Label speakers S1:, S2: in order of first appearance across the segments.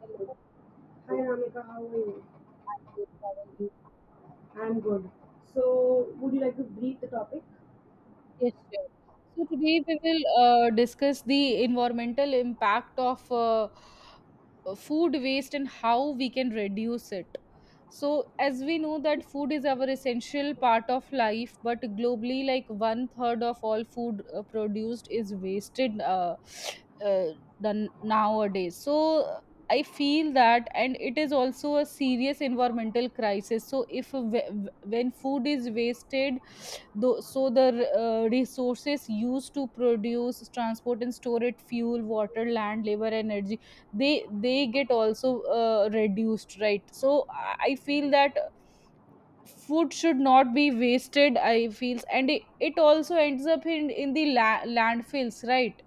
S1: Hello,
S2: Hi Ramika, how are you?
S1: good. How are you?
S2: I'm good. So, would you like to brief the topic?
S1: Yes, sure. So today we will discuss the environmental impact of food waste and how we can reduce it. So as we know that food is our essential part of life, but globally, like one third of all food produced is wasted uh, done nowadays. So I feel that, and it is also a serious environmental crisis. So if w- w- when food is wasted though, so the resources used to produce, transport, and store it, fuel, water, land, labor, energy, they get also reduced, right? So I feel that food should not be wasted. I feel, and it also ends up in landfills, right?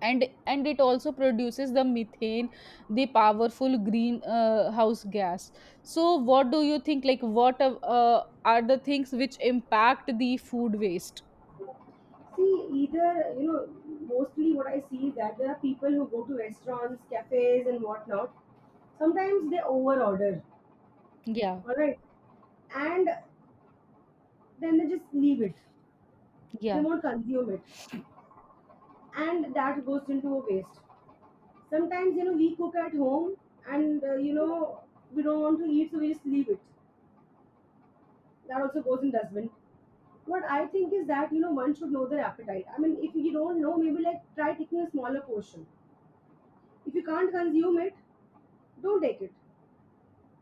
S1: And it also produces the methane, the powerful green house gas. So, what do you think? Like, what are the things which impact the food waste?
S2: See, either, you know, mostly what I see is that there are people who go to restaurants, cafes, and whatnot. Sometimes they overorder,
S1: Yeah,
S2: all right, and then they just leave it. They
S1: yeah,
S2: won't consume it, and that goes into a waste. Sometimes, you know, we cook at home, and you know, we don't want to eat, so we just leave it. That also goes in dustbin. What I think is that you know one should know their appetite. I mean, if you don't know, maybe like try taking a smaller portion. If you can't consume it, don't take it.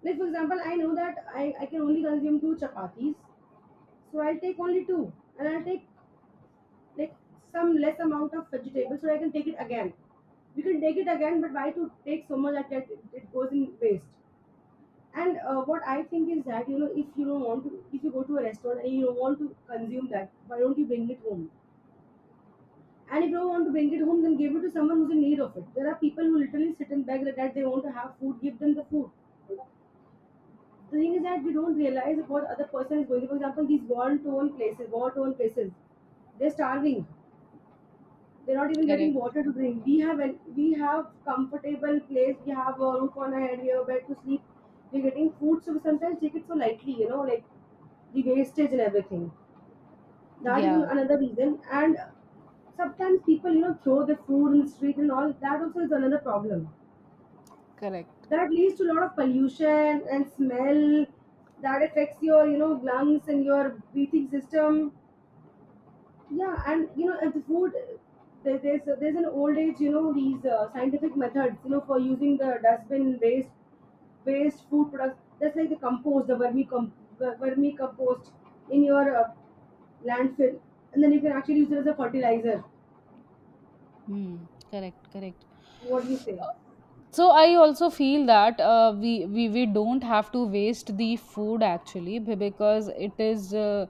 S2: Like for example, I know that I can only consume two chapatis, so I'll take only two, and I'll take like some less amount of vegetables so I can take it again. We can take it again, but why to take so much that it goes in waste? And what I think is that you know if you don't want to, if you go to a restaurant and you don't want to consume that, why don't you bring it home? And if you want to bring it home, then give it to someone who's in need of it. There are people who literally sit and beg that they want to have food, give them the food. The thing is that we don't realize what other person is going through. For example, these war-torn places, they're starving. They're not even getting
S1: correct.
S2: water to drink. We have comfortable place. We have a roof on our head. We have a bed to sleep. We're getting food, so we sometimes take it so lightly. You know, like the wastage and everything. That is
S1: Yeah.
S2: another reason, and sometimes people you know throw their food in the street, and all that also is another problem
S1: Correct.
S2: that leads to a lot of pollution and smell, that affects your you know lungs and your breathing system, yeah, and you know, and the food, there's an old age you know, these scientific methods, you know, for using the dustbin waste, food products, that's like the compost, the vermi compost in your landfill, and then you can actually use it as a fertilizer.
S1: Hmm, correct, correct.
S2: What do you say?
S1: Uh, So I also feel that we don't have to waste the food actually because it is uh,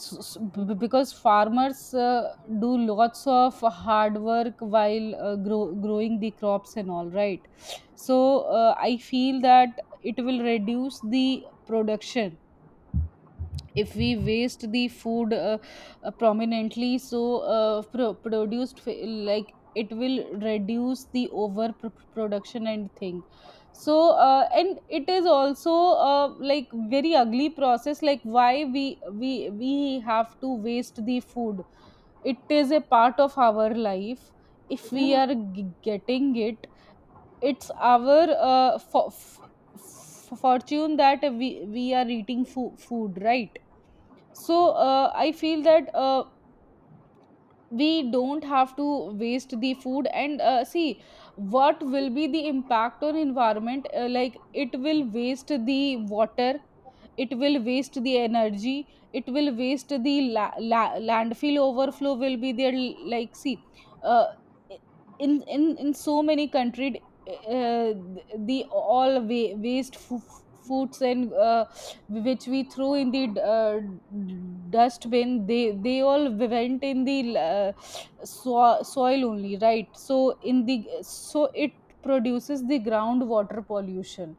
S1: s- s- b- b- because farmers do lots of hard work while growing the crops and all right. So I feel that it will reduce the production if we waste the food prominently so produced like it will reduce the over production and thing so and it is also like very ugly process like why we have to waste the food. It is a part of our life if we
S2: Yeah.
S1: are getting it. It's our uh, fo- f- fortune that we are eating food, right? So I feel that we don't have to waste the food and see what will be the impact on environment, like it will waste the water, it will waste the energy, it will waste landfill overflow will be there. Like see, uh, in in so many countries, uh, the all waste foods and which we throw in the uh, dustbin, they all went in the uh, soil only, right? So in the so it produces the groundwater pollution.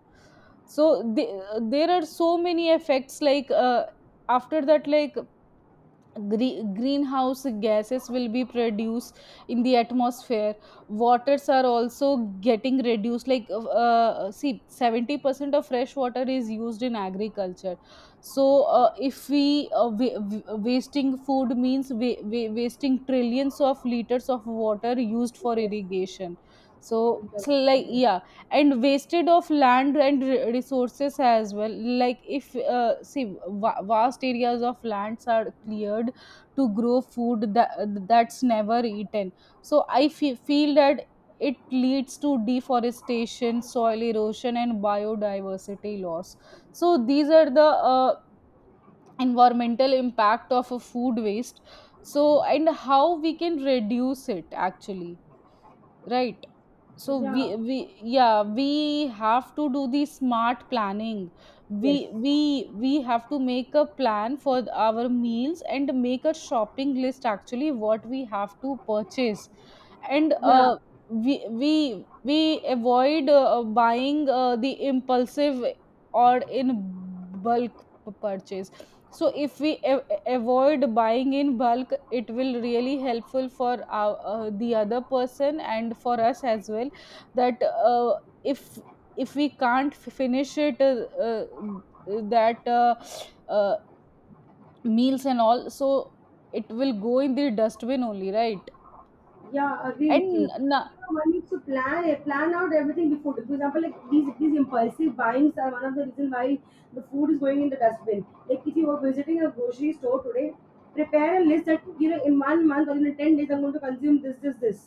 S1: So the, there are so many effects like, after that like greenhouse gases will be produced in the atmosphere. Waters are also getting reduced like see 70% of fresh water is used in agriculture. So if we wasting food means wasting trillions of liters of water used for
S2: Yes.
S1: irrigation. So
S2: Inter-
S1: so like,
S2: mhm.
S1: yeah, and wasted of land and resources as well. Like if, see, vast areas of lands are cleared to grow food that that's never eaten. So I feel that it leads to deforestation, soil erosion, and biodiversity loss. So these are the uh, environmental impact of a food waste. So and how we can reduce it actually, right? So
S2: Yeah.
S1: we yeah, we have to do the smart planning. we
S2: Yes.
S1: we we have to make a plan for our meals and make a shopping list actually what we have to purchase. And
S2: Yeah.
S1: we avoid buying the impulsive or in bulk purchase. So if we avoid buying in bulk, it will really helpful for our, the other person and for us as well, that if if we can't finish it that uh, meals and all, so it will go in the dustbin only, right?
S2: Yeah, I agree with you.
S1: and n-
S2: You know, one needs to plan it, plan out everything before. For example, like these impulsive buyings are one of the reason why the food is going in the dustbin. Like if you are visiting a grocery store today, prepare a list that you know in 1 month or in 10 days I'm going to consume this, this, this.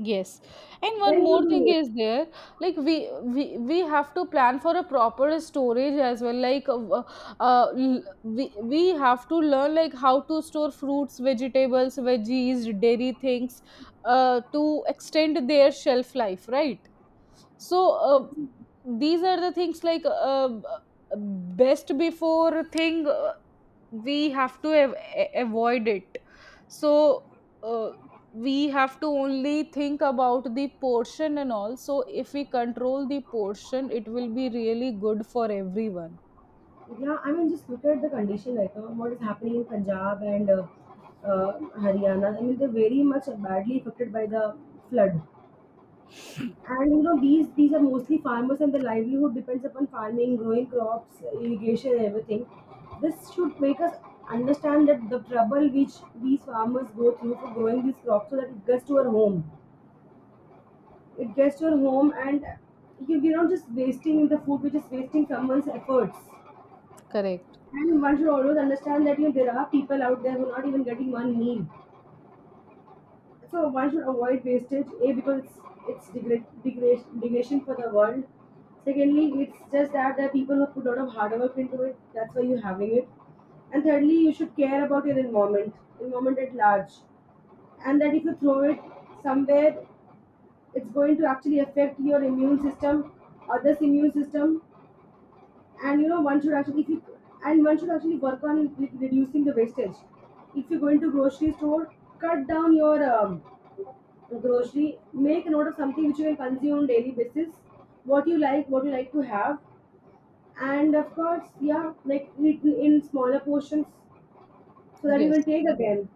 S1: Yes. And one
S2: Then you
S1: more thing
S2: do it.
S1: is there, like we have to plan for a proper storage as well. Like we have to learn like how to store fruits, vegetables, veggies, dairy things, to extend their shelf life, right? So these are the things like, best before thing we have to avoid it. So. Uh, we have to only think about the portion and all, so if we control the portion, it will be really good for everyone.
S2: Yeah, I mean, just look at the condition right now. What is happening in Punjab and Haryana? I mean, they're very much badly affected by the flood. And you know, these are mostly farmers, and their livelihood depends upon farming, growing crops, irrigation, and everything. This should make us understand that the trouble which these farmers go through for growing these crops, so that it gets to our home. It gets to our home, and you're not just wasting the food, we're just wasting someone's efforts.
S1: Correct.
S2: And one should always understand that you know there are people out there who are not even getting one meal. So one should avoid wastage. A because it's degradation for the world. Secondly, it's just that there are people who put a lot of hard work into it. That's why you're having it. And thirdly, you should care about your environment, environment at large, and that if you throw it somewhere, it's going to actually affect your immune system, others' immune system, and you know one should actually if you and one should actually work on like reducing the wastage. If you go into grocery store, cut down your grocery, make a note of something which you can consume on daily basis, what you like, what you like to have, and of course, yeah, like eat in smaller portions so that you can
S1: Yes.
S2: take again.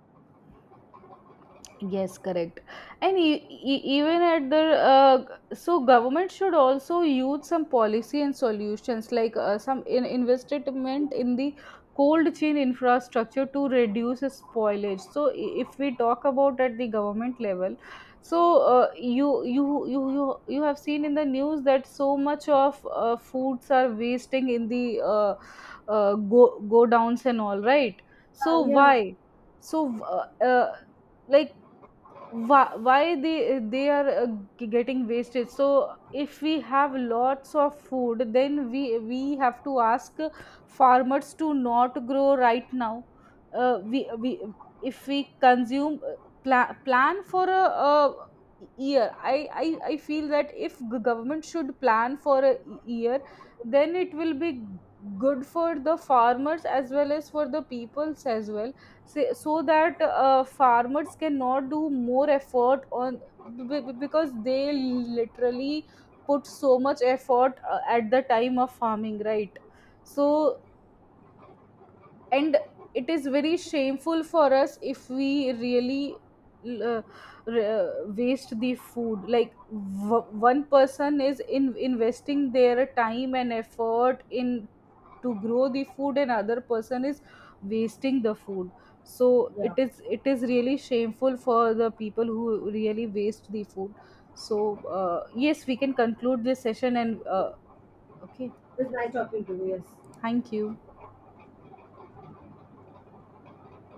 S1: Yes, correct. And even at the so government should also use some policy and solutions like some investment in the cold chain infrastructure to reduce spoilage. So if we talk about at the government level, so you have seen in the news that so much of foods are wasting in the go downs and all, right?
S2: Ah,
S1: So
S2: yeah.
S1: why? So like, why they are getting wasted. So if we have lots of food, then we have to ask farmers to not grow right now. We if we consume, plan for a year. I I feel that if g- government should plan for a year, then it will be good for the farmers as well as for the peoples as well. Say, so that farmers cannot do more effort on because they literally put so much effort at the time of farming, right? So and it is very shameful for us if we really uh, re- waste the food, like one person is in investing their time and effort in to grow the food and other person is wasting the food. So
S2: Yeah,
S1: it is, it is really shameful for the people who really waste the food. So yes, we can conclude this session and okay,
S2: it was nice talking to you. Yes.
S1: thank you.